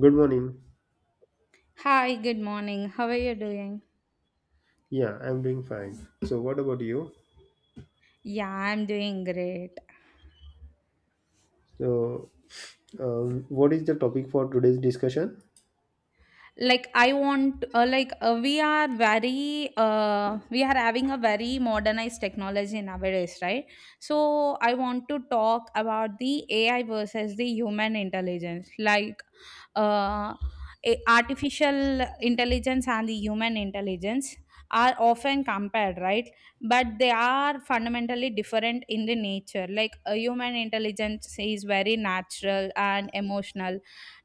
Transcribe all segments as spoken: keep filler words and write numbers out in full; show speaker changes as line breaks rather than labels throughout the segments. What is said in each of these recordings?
Good morning.
Hi, good morning. How are you doing?
Yeah, I'm doing fine. So, what about you?
Yeah, I'm doing great.
So, um, what is the topic for today's discussion?
Like I want uh, like uh, we are very uh, We are having a very modernized technology nowadays, right? So I want to talk about the AI versus the human intelligence. like uh, a- Artificial intelligence and the human intelligence are often compared, right? But they are fundamentally different in the nature. Like, a human intelligence is very natural and emotional,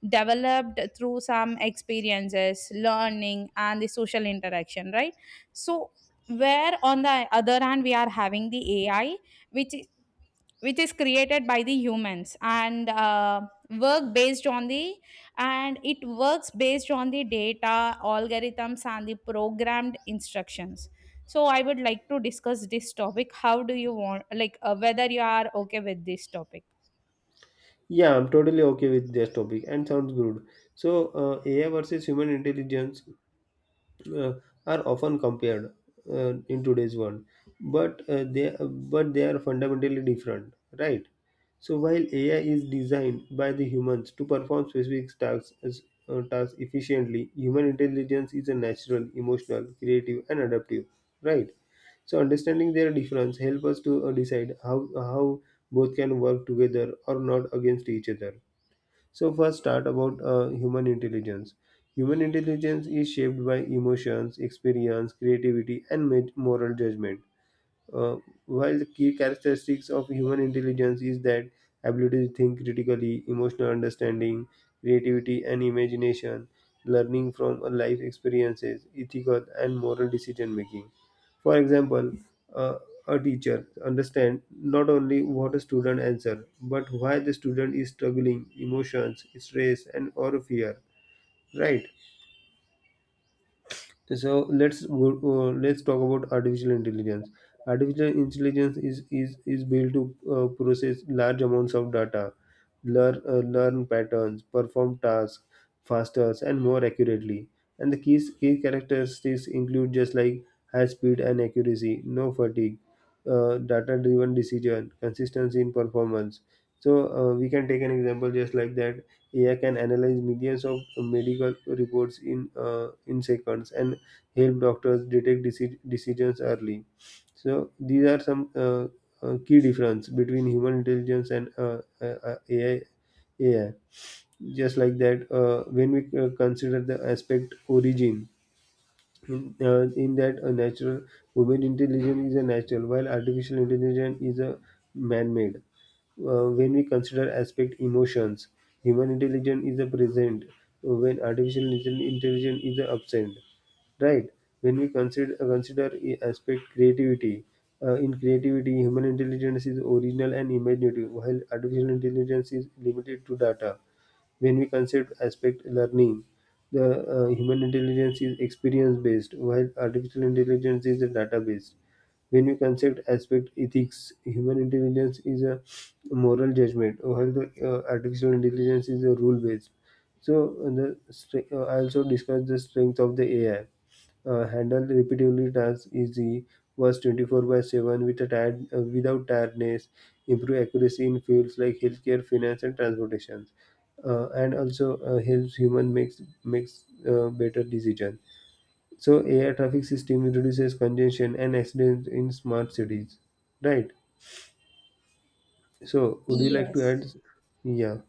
developed through some experiences, learning, and the social interaction, right? So, where on the other hand, we are having the AI, which is which is created by the humans, and uh, work based on the and it works based on the data, algorithms, and the programmed instructions. So I would like to discuss this topic. How do you want, like, uh, whether you are okay with this topic?
Yeah, I'm totally okay with this topic and sounds good. So, uh, A I versus human intelligence. uh, are often compared uh, in today's world, but uh, they but they are fundamentally different, right? So while AI is designed by the humans to perform specific tasks as uh, tasks efficiently, human intelligence is a natural, emotional, creative, and adaptive, right? So understanding their difference help us to uh, decide how how both can work together or not against each other. So first, start about uh, human intelligence. Human intelligence is shaped by emotions, experience, creativity, and ma- moral judgment. Uh, while the key characteristics of human intelligence is that ability to think critically, emotional understanding, creativity and imagination, learning from a life experiences, ethical and moral decision making. For example, uh, a teacher understand not only what a student answer, but why the student is struggling, emotions, stress, and or fear. Right? So let's go, uh, let's talk about artificial intelligence. Artificial intelligence is is, is built to uh, process large amounts of data, learn uh, learn patterns, perform tasks faster and more accurately. And the key key characteristics include just like high speed and accuracy, no fatigue, uh, data driven decision, consistency in performance. So uh, we can take an example just like that. A I can analyze millions of medical reports in uh, in seconds and help doctors detect deci- decisions early. So these are some uh, uh, key difference between human intelligence and uh, uh, uh, A I. Just like that, uh, when we uh, consider the aspect origin, in, uh, in that a natural human intelligence is a natural, while artificial intelligence is a man-made. Uh, when we consider aspect emotions, human intelligence is a present, uh, when artificial intelli- intelligence is a absent, right? When we consider uh, consider i- aspect creativity, uh, in creativity human intelligence is original and imaginative, while artificial intelligence is limited to data. When we consider aspect learning, the uh, human intelligence is experience based, while artificial intelligence is data based. When we consider aspect ethics, human intelligence is a moral judgment, while the uh, artificial intelligence is a rule based. So uh, the stre- uh, I also discussed the strength of the A I. Uh, handle repeatedly tasks easy, was twenty four by seven with a tired, uh, without tiredness, improve accuracy in fields like healthcare, finance, and transportation, uh, and also uh, helps human makes makes uh, better decisions. So air traffic system reduces congestion and accidents in smart cities, right? So would you like to
Yes.
add? Yeah.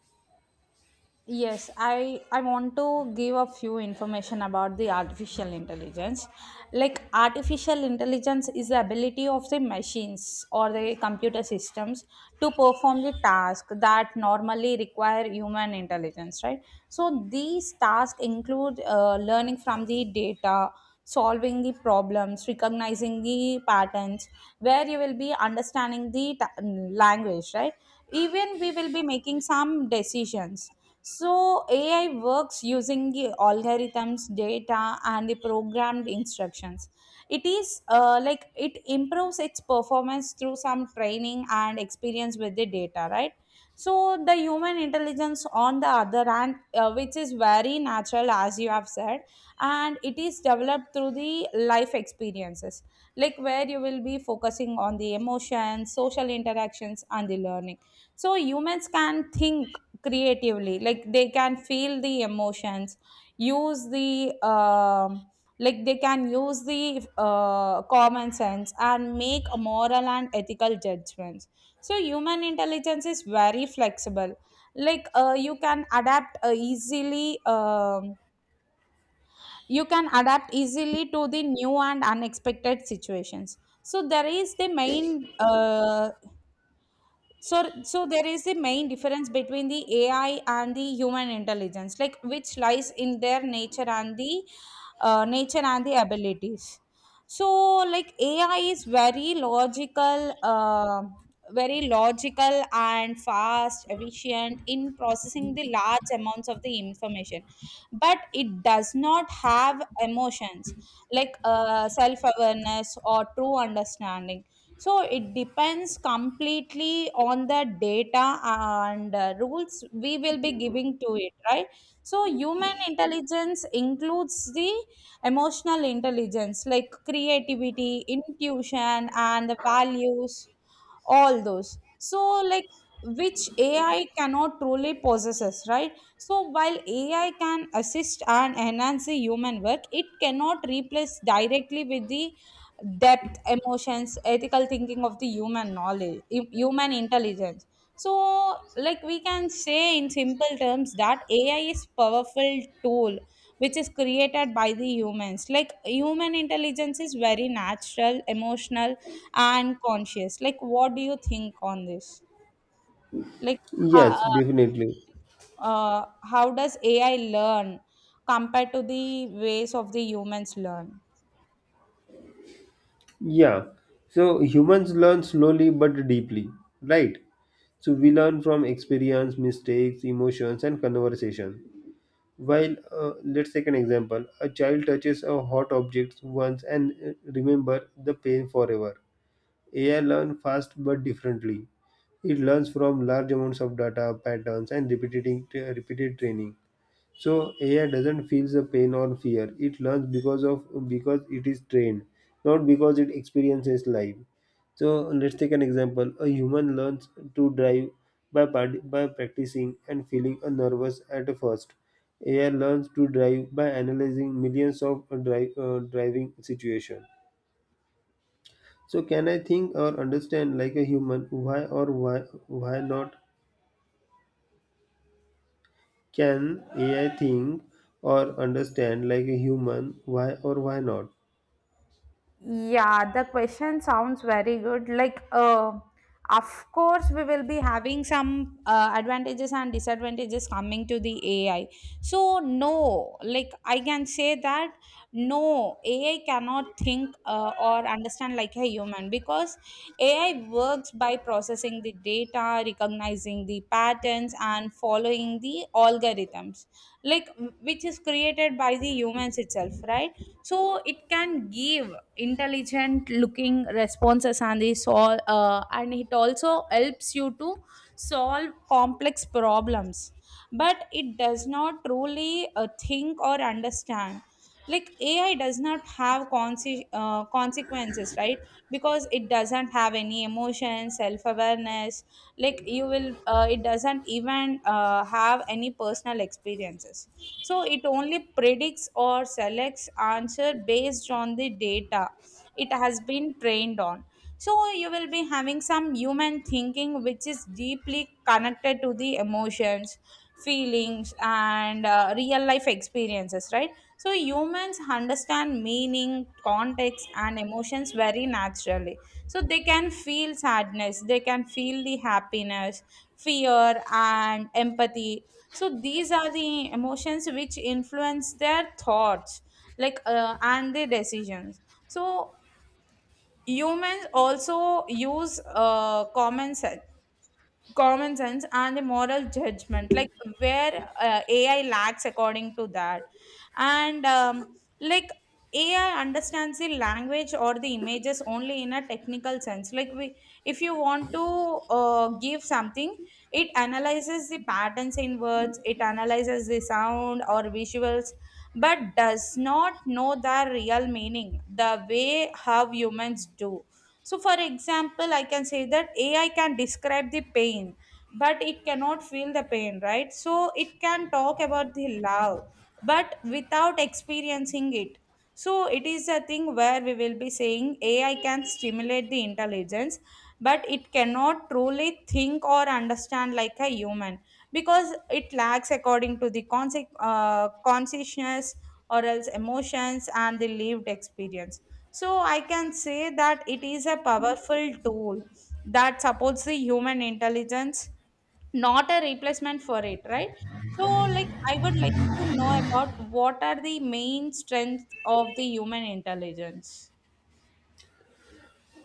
Yes, I I want to give a few information about the artificial intelligence. Like, artificial intelligence is the ability of the machines or the computer systems to perform the task that normally require human intelligence, right? So these tasks include uh, learning from the data, solving the problems, recognizing the patterns, where you will be understanding the ta- language, right? Even we will be making some decisions. So A I works using the algorithms, data, and the programmed instructions. It is, uh, like, it improves its performance through some training and experience with the data, right? So the human intelligence, on the other hand, uh, which is very natural, as you have said, and it is developed through the life experiences, like where you will be focusing on the emotions, social interactions, and the learning. So humans can think creatively, like they can feel the emotions, use the um like, they can use the uh, common sense and make a moral and ethical judgments. So human intelligence is very flexible, like, uh, you can adapt uh, easily, um, you can adapt easily to the new and unexpected situations. So there is the main uh, so, so there is a main difference between the A I and the human intelligence, like, which lies in their nature and the uh, nature and the abilities. So, like, A I is very logical, uh, very logical and fast, efficient in processing the large amounts of the information, but it does not have emotions, like, uh, self awareness or true understanding. So it depends completely on the data and uh, rules we will be giving to it, right? So human intelligence includes the emotional intelligence, like creativity, intuition, and the values, all those, so, like, which AI cannot truly possesses, right? So while AI can assist and enhance the human work, it cannot replace directly with the emotions, ethical thinking of the human knowledge hu- human intelligence. So, like, we can say in simple terms that AI is powerful tool which is created by the humans, like human intelligence is very natural, emotional, and conscious. Like, what do you think on this? like how,
Yes,
uh,
definitely.
uh, how does AI learn compared to the ways of the humans learn?
Yeah. So humans learn slowly but deeply, right? So we learn from experience, mistakes, emotions, and conversation. While uh, let's take an example, a child touches a hot object once and uh, remember the pain forever. A I learns fast but differently. It learns from large amounts of data, patterns, and repeated, repeated training. So A I doesn't feel the pain or fear. It learns because of because it is trained, not because it experiences life. So let's take an example. A human learns to drive by part- by practicing and feeling a nervous at first. A I learns to drive by analyzing millions of drive, uh, driving situations. So can I think or understand like a human? Why or why why not? Can A I think or understand like a human? Why or why not?
Yeah, the question sounds very good. Like, uh, of course, we will be having some uh, advantages and disadvantages coming to the A I. So, no, like, I can say that no, A I cannot think uh, or understand like a human, because A I works by processing the data, recognizing the patterns, and following the algorithms, like, which is created by the humans itself, right? So it can give intelligent looking responses, and he sol- uh, and it also helps you to solve complex problems, but it does not truly uh, think or understand. Like, AI does not have conse- uh, consequences, right? Because it doesn't have any emotion, self awareness, like, you will uh, it doesn't even uh, have any personal experiences. So it only predicts or selects answer based on the data it has been trained on. So you will be having some human thinking, which is deeply connected to the emotions, feelings, and uh, real life experiences, right? So humans understand meaning, context, and emotions very naturally. So they can feel sadness, they can feel the happiness, fear, and empathy. So these are the emotions which influence their thoughts, like, uh, and their decisions. So humans also use uh, common sense common sense and the moral judgment, like, where uh, AI lacks according to that. And, um, like AI understands the language or the images only in a technical sense. Like, we, if you want to uh, give something, it analyzes the patterns in words, it analyzes the sound or visuals, but does not know the real meaning the way how humans do. So, for example, I can say that A I can describe the pain, but it cannot feel the pain, right? So, it can talk about the love, but without experiencing it. So, it is a thing where we will be saying A I can stimulate the intelligence, but it cannot truly think or understand like a human, because it lacks according to the concept, uh, consciousness or else emotions and the lived experience. So I can say that it is a powerful tool that supports the human intelligence, not a replacement for it, right? So, like, I would like to know about what are the main strengths of the human intelligence.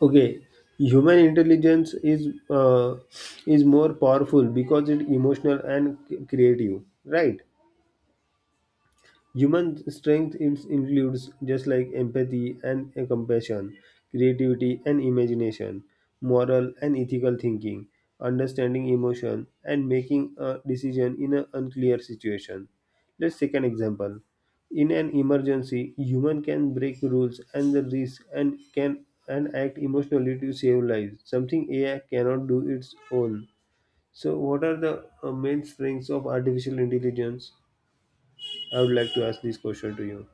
Okay, human intelligence is uh, is more powerful because it's emotional and c- creative, right? Human strength is- includes just like empathy and a compassion, creativity and imagination, moral and ethical thinking, understanding emotion, and making a decision in an unclear situation. Let's take an example. In an emergency, human can break rules and the risk and can and act emotionally to save lives, something A I cannot do its own. So, what are the uh, main strengths of artificial intelligence? I would like to ask this question to you.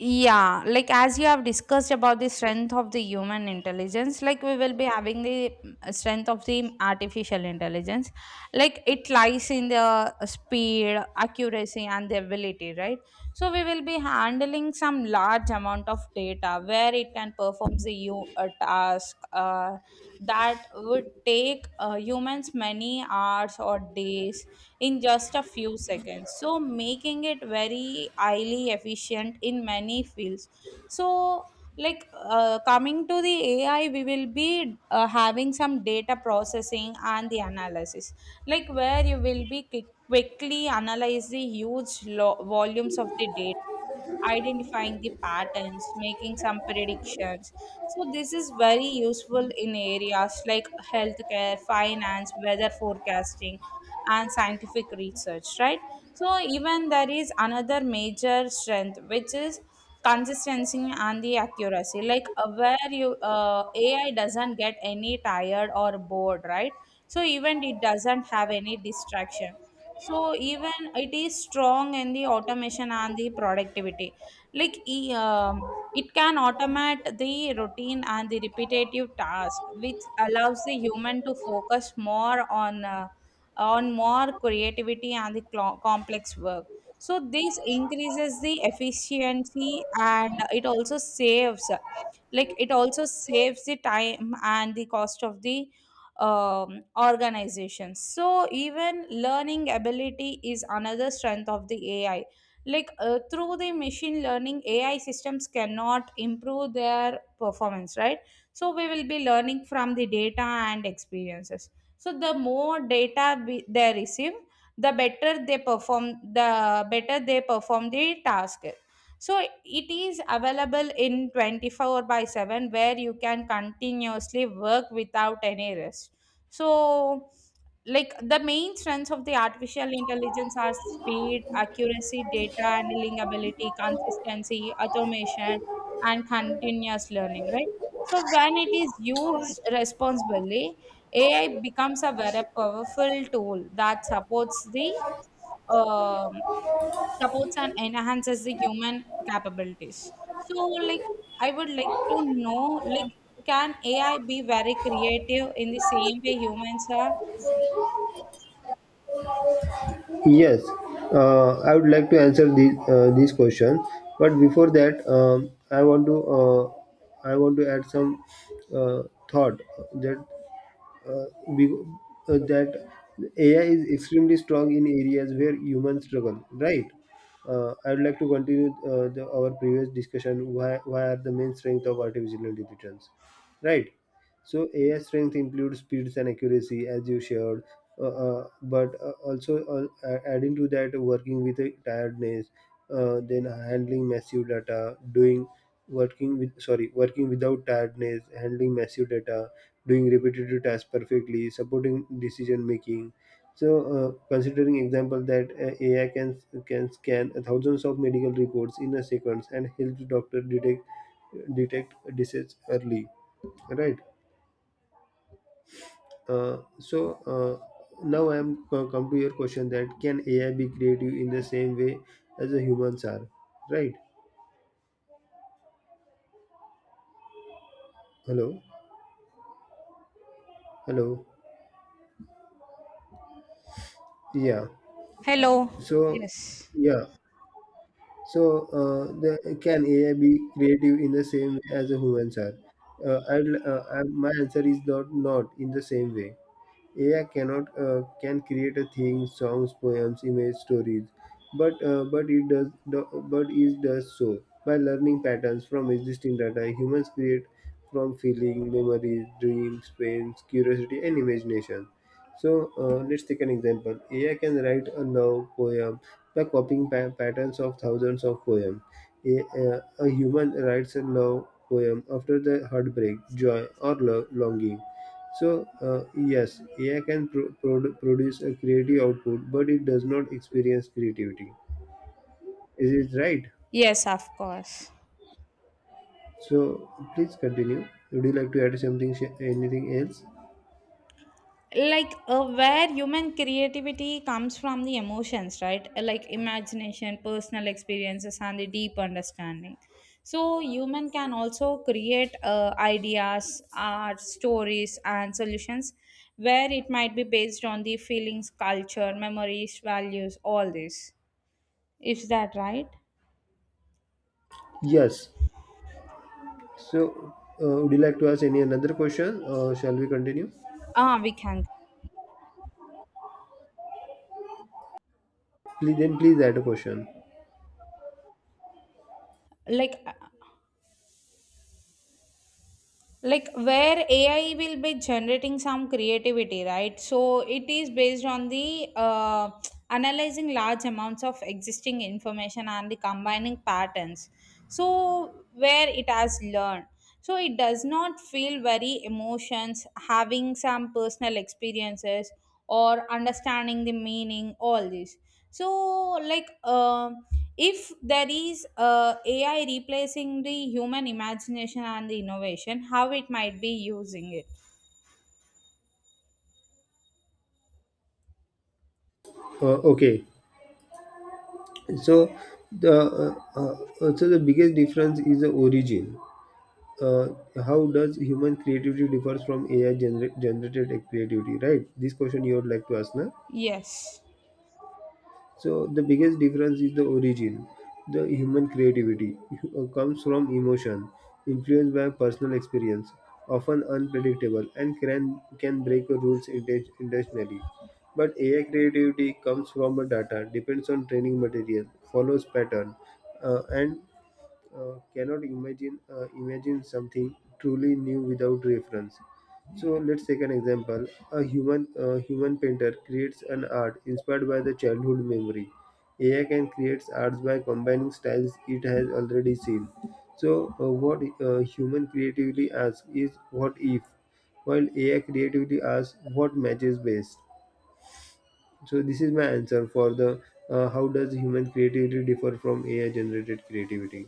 Yeah, like, as you have discussed about the strength of the human intelligence, like, we will be having the mm, strength of the artificial intelligence. Like, it lies in the speed, accuracy, and the ability, right? So we will be handling some large amount of data, where it can perform the you a task uh, that would take uh, humans many hours or days in just a few seconds, so making it very highly efficient in many fields. So, like, uh, coming to the AI, we will be uh, having some data processing and the analysis, like where you will be qui- quickly analyze the huge lo- volumes of the data, identifying the patterns, making some predictions. So this is very useful in areas like healthcare, finance, weather forecasting, and scientific research, right? So even there is another major strength, which is consistency and the accuracy, like, uh, where you uh, AI doesn't get any tired or bored, right? So even it doesn't have any distraction. So even it is strong in the automation and the productivity, like, e- um, it can automate the routine and the repetitive task, which allows the human to focus more on uh, on more creativity and the clo- complex work. So this increases the efficiency, and it also saves, like it also saves the time and the cost of the um, organization. So even learning ability is another strength of the AI, like, uh, through the machine learning, AI systems cannot improve their performance, right? So we will be learning from the data and experiences. So the more data we, they receive, the better they perform the better they perform the task. So it is available in twenty-four by seven, where you can continuously work without any rest. So, like, the main strengths of the artificial intelligence are speed, accuracy, data handling ability, consistency, automation, and continuous learning, right? So when it is used responsibly, AI becomes a very powerful tool that supports the um, supports and enhances the human capabilities. So, like, I would like to know, like, can AI be very creative in the same way humans are?
Yes, uh, I would like to answer these uh, these questions. But before that, um, I want to uh, I want to add some uh, thought that uh, be- uh, that A I is extremely strong in areas where humans struggle, right? Uh, I would like to continue uh, the, our previous discussion. Why, why are the main strength of artificial intelligence, right? So A I strength includes speeds and accuracy, as you shared, uh, uh, but uh, also uh, a- adding to that, working with uh, tiredness, uh, then handling massive data, doing working with sorry working without tiredness, handling massive data, doing repetitive tasks perfectly, supporting decision making. So uh, considering example that uh, ai can can scan thousands of medical reports in a seconds and helps doctor detect detect disease early, right? Uh, so uh, now I am co- come to your question that can AI be creative in the same way as the humans are, right? Hello? Hello? Yeah.
Hello.
so
Yes.
yeah So, uh, the, can A I be creative in the same way as the humans are? Uh, I'd, uh, I, my answer is not not in the same way. A I cannot uh, can create a thing, songs, poems, image, stories, but uh, but it does do- but it does so by learning patterns from existing data. Humans create from feeling, memories, dreams, pains, curiosity, and imagination. So uh, let's take an example. A I can write a love poem by copying pa- patterns of thousands of poems. A, uh, a human writes a love poem after the heartbreak, joy, or lo- longing. So, uh, yes, A I can pro- pro- produce a creative output, but it does not experience creativity. Is it right?
Yes, of course.
So, please continue. Would you like to add something, sh- anything else?
Like, uh, where human creativity comes from the emotions, right? Like imagination, personal experiences, and the deep understanding. So human can also create uh, ideas, art, stories, and solutions, where it might be based on the feelings, culture, memories, values, all this. Is that right?
Yes. So, uh, would you like to ask any another question, or shall we continue?
Ah, we can.
Please, then please add a question.
Like, like where AI will be generating some creativity, right? So it is based on the, uh, analyzing large amounts of existing information and the combining patterns, so where it has learned. So it does not feel very emotions, having some personal experiences or understanding the meaning, all this. So, like, uh, if there is, uh, AI replacing the human imagination and the innovation, how it might be using it?
Uh, okay. So, the uh, uh, uh, so the biggest difference is the origin. uh, how does human creativity differs from A I gener- generated creativity, right? This question you would like to ask, na?
Yes.
So the biggest difference is the origin. The human creativity uh, comes from emotion, influenced by personal experience, often unpredictable, and can can break rules inten- intentionally. But A I creativity comes from a data, depends on training material, follows pattern, uh, and uh, cannot imagine uh, imagine something truly new without reference. So let's take an example. A human uh, human painter creates an art inspired by the childhood memory. A I can create arts by combining styles it has already seen. So uh, what uh, human creatively asks is what if, while A I creatively asks what matches best. So this is my answer for the uh, how does human creativity differ from A I generated creativity.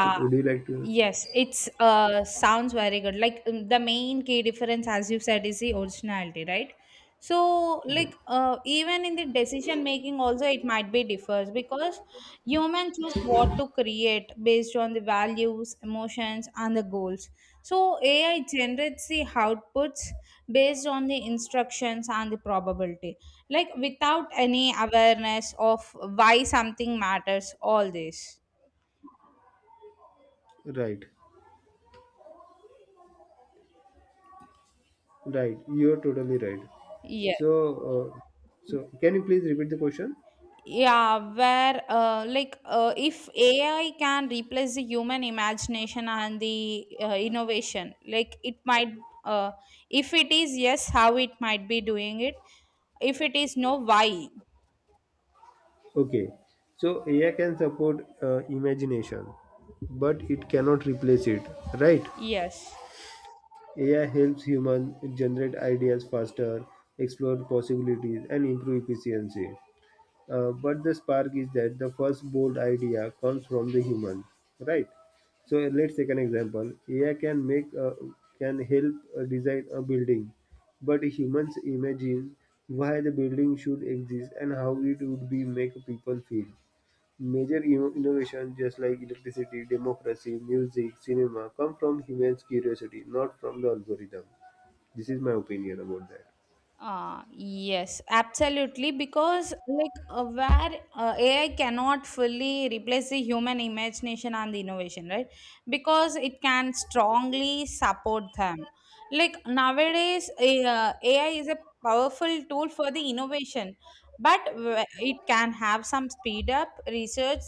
So would you like to
Yes, it's, uh, sounds very good. Like, um, the main key difference, as you said, is the originality, right? So, like, uh, even in the decision making, also it might be differs, because humans choose what to create based on the values, emotions, and the goals. So A I generates the outputs based on the instructions and the probability, like, without any awareness of why something matters. All this.
Right, right. You're totally right.
Yes.
So, uh, so can you please repeat the question?
Yeah, where, uh, like uh, if A I can replace the human imagination and the uh, innovation, like, it might, uh, if it is yes, how it might be doing it. If it is no, why?
Okay. So A I can support uh, imagination, but it cannot replace it. Right?
Yes.
A I helps humans generate ideas faster, explore possibilities, and improve efficiency. Uh, but the spark is that the first bold idea comes from the human, right? So let's take an example. A I can make uh, can help uh, design a building, but humans imagine why the building should exist and how it would be make people feel. Major inno- innovations just like electricity, democracy, music, cinema come from humans' curiosity, not from the algorithm. This is my opinion about that.
Uh, yes, absolutely. Because, like, uh, where uh, A I cannot fully replace the human imagination and the innovation, right? Because it can strongly support them. Like, nowadays, a- uh, A I is a powerful tool for the innovation, but wh- it can have some speed up, research,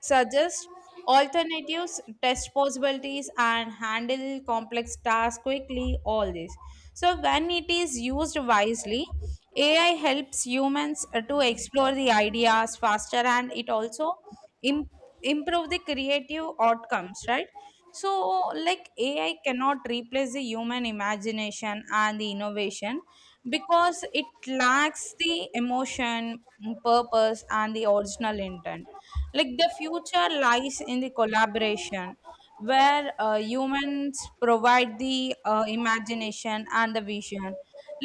suggest alternatives, test possibilities, and handle complex tasks quickly. All this. So, when it is used wisely, A I helps humans uh, to explore the ideas faster, and it also im- improve the creative outcomes, right? So, like, A I cannot replace the human imagination and the innovation because it lacks the emotion, mm, purpose, and the original intent. Like, the future lies in the collaboration where uh, humans provide the uh, imagination and the vision.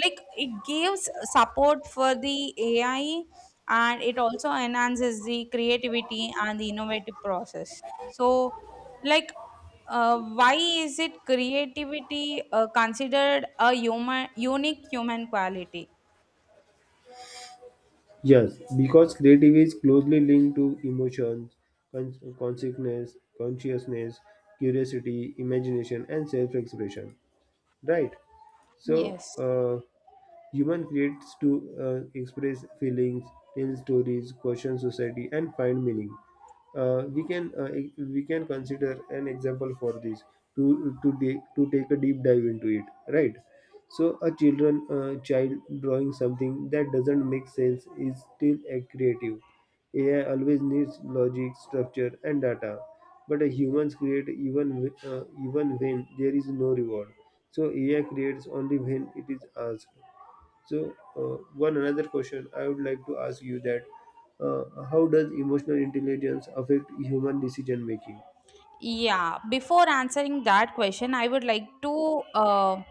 Like, it gives support for the AI, and it also enhances the creativity and the innovative process. So, like uh, why is it creativity uh, considered a human, unique human quality?
Yes, because creativity is closely linked to emotions, con- consciousness, consciousness, curiosity, imagination, and self-expression. Right. So,
Yes.
uh, human creates to uh, express feelings, tell stories, question society, and find meaning. Uh, we can uh, e- we can consider an example for this to to de- to take a deep dive into it, right? So a children uh, child drawing something that doesn't make sense is still a creative. A I always needs logic, structure, and data, but uh, humans create even w- uh, even when there is no reward. So A I creates only when it is asked. So, uh, one another question I would like to ask you that uh, how does emotional intelligence affect human decision making?
Yeah, before answering that question, I would like to uh,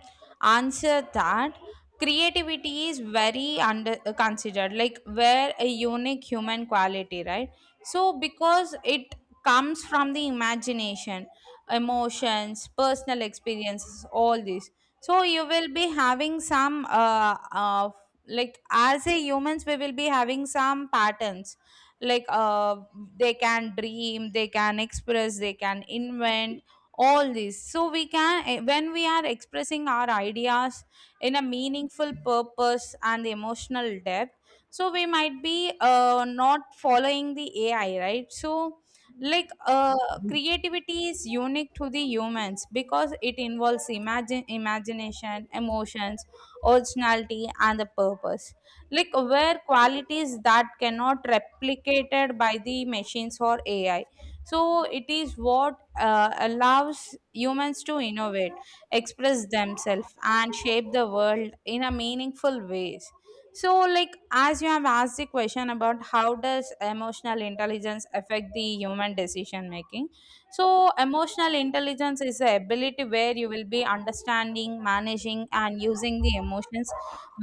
answer that creativity is very under uh, considered like where a unique human quality, right? So because it comes from the imagination, emotions, personal experiences, all this. So you will be having some uh, uh like as a humans, we will be having some patterns, like uh, they can dream, they can express, they can invent, all this. So we can eh, when we are expressing our ideas in a meaningful purpose and emotional depth, so we might be uh, not following the AI, right? So, like uh, creativity is unique to the humans because it involves imagine imagination, emotions, originality, and the purpose, like where qualities that cannot replicated by the machines or AI. So it is what uh, allows humans to innovate, express themselves, and shape the world in a meaningful ways. So, like as you have asked the question about how does emotional intelligence affect the human decision making, so emotional intelligence is the ability where you will be understanding, managing, and using the emotions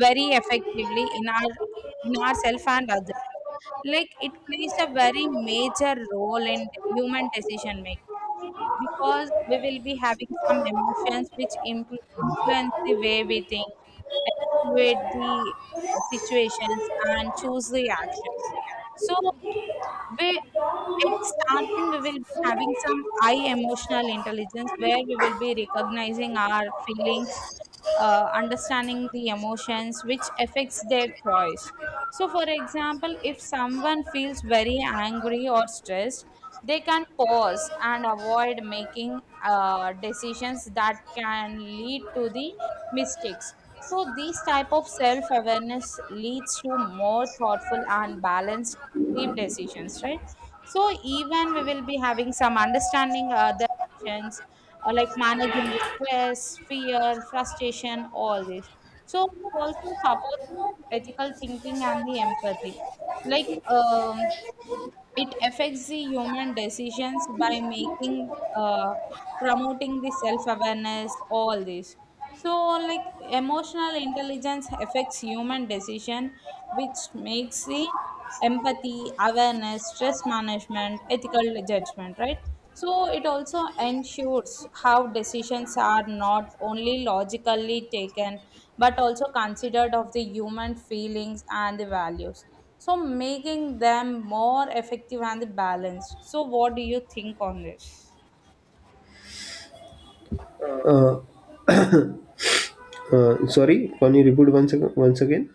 very effectively in our in ourself and others. Like, it plays a very major role in human decision making because we will be having some emotions which impl- influence the way we think, evaluate the situations, and choose the actions. So we at starting, we will be having some high emotional intelligence where we will be recognizing our feelings, uh, understanding the emotions which affects their choice. So, for example, if someone feels very angry or stressed, they can pause and avoid making uh, decisions that can lead to the mistakes. So, these type of self awareness leads to more thoughtful and balanced collective decisions, right? So even we will be having some understanding uh, the emotions, uh, like managing the stress, fear, frustration, all this. So it also supports ethical thinking and the empathy. Like um, it affects the human decisions by making, uh, promoting the self-awareness, all this. So, like, emotional intelligence affects human decision, which makes the empathy, awareness, stress management, ethical judgment, right? So it also ensures how decisions are not only logically taken but also considered of the human feelings and the values, so making them more effective and balanced. So what do you think on this,
Uh, uh, sorry, can you repeat once ag- once again?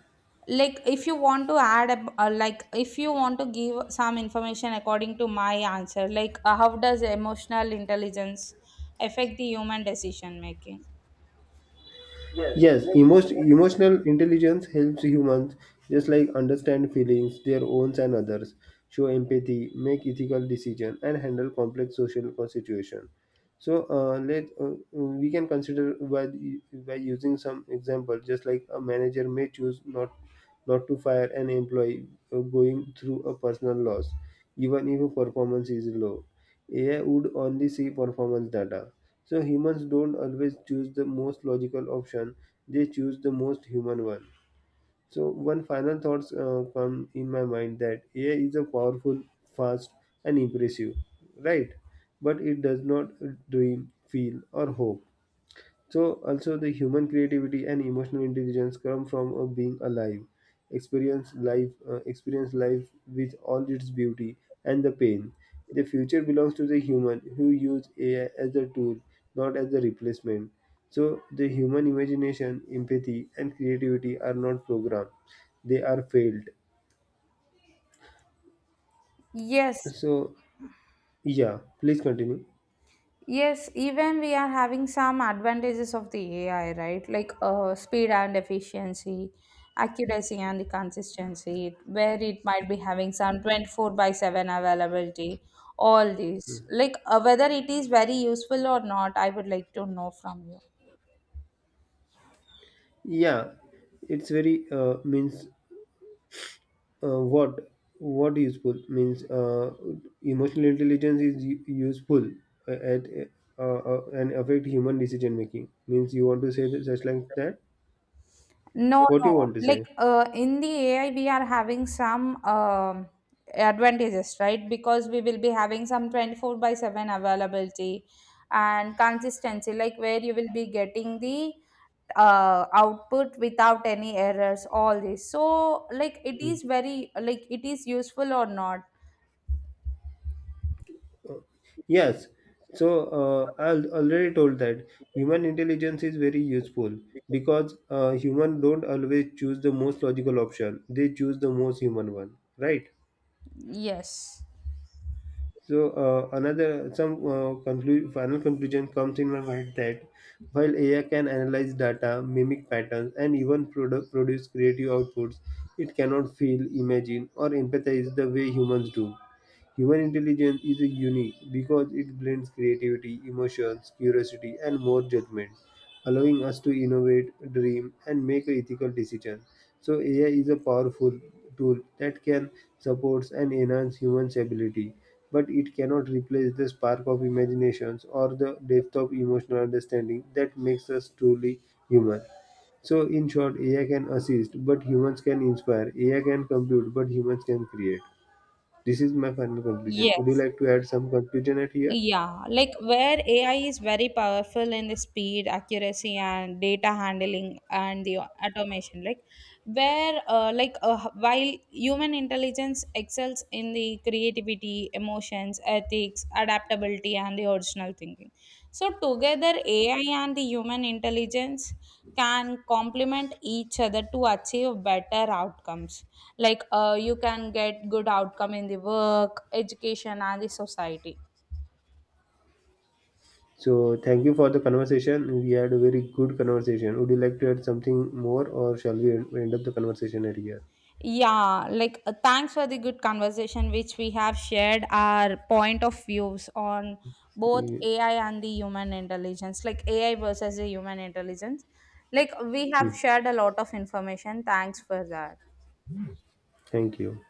like if you want to add a, uh, like if you want to give some information according to my answer, like uh, how does emotional intelligence affect the human decision making?
Yes, emotion, emotional intelligence helps humans just like understand feelings, their own and others, show empathy, make ethical decisions, and handle complex social situations. So uh, let uh, uh, we can consider by the- by using some example, just like a manager may choose not not to fire an employee uh, going through a personal loss, even if performance is low. A I would only see performance data. So humans don't always choose the most logical option; they choose the most human one. So one final thoughts uh, come in my mind that A I is a powerful, fast, and impressive, right? But it does not dream, feel, or hope. So also the human creativity and emotional intelligence come from uh, being alive, experience life, uh, experience life with all its beauty and the pain. The future belongs to the human who use A I as a tool, not as a replacement. So the human imagination, empathy, and creativity are not programmed; they are failed.
Yes.
So yeah, please continue.
Yes, even we are having some advantages of the A I, right? Like uh, speed and efficiency, accuracy and the consistency, where it might be having some twenty-four by seven availability, all these. Like uh, whether it is very useful or not, I would like to know from you.
Yeah, it's very uh, means uh, what what useful means uh, emotional intelligence is u- useful uh, at uh, uh, uh, and affect human decision making means you want to say that just like that
No,
what you
no.
want to
Like
say.
uh, in the A I, we are having some um, advantages, right? Because we will be having some twenty-four by seven availability and consistency, like where you will be getting the uh, output without any errors, all this. So, like, it is very, like, it is useful or not?
Yes, so uh, i al- already told that human intelligence is very useful because uh, human don't always choose the most logical option, they choose the most human one, right?
Yes.
So uh, another some uh, conclu- final conclusion comes in my mind that while A I can analyze data, mimic patterns, and even produ- produce creative outputs, it cannot feel, imagine, or empathize the way humans do. Human intelligence is unique because it blends creativity, emotions, curiosity, and more judgment, allowing us to innovate, dream, and make ethical decisions. So A I is a powerful tool that can support and enhance humans' ability, but it cannot replace the spark of imaginations or the depth of emotional understanding that makes us truly human. So in short, A I can assist, but humans can inspire. A I can compute, but humans can create. This is my final conclusion. Would you
Yes.
like to add some conclusion at here?
Yeah, like where A I is very powerful in the speed, accuracy, and data handling and the automation. Like where, uh, like uh, while human intelligence excels in the creativity, emotions, ethics, adaptability, and the original thinking. So together, A I and the human intelligence can complement each other to achieve better outcomes. Like uh, you can get good outcome in the work, education, and the society.
So thank you for the conversation. We had a very good conversation. Would you like to add something more, or shall we end end up the conversation at
Yeah, like uh, thanks for the good conversation which we have shared our point of views on both
here?
A I and the human intelligence, like A I versus the human intelligence. Like we have
Hmm.
shared a lot of information. Thanks for that.
Thank you.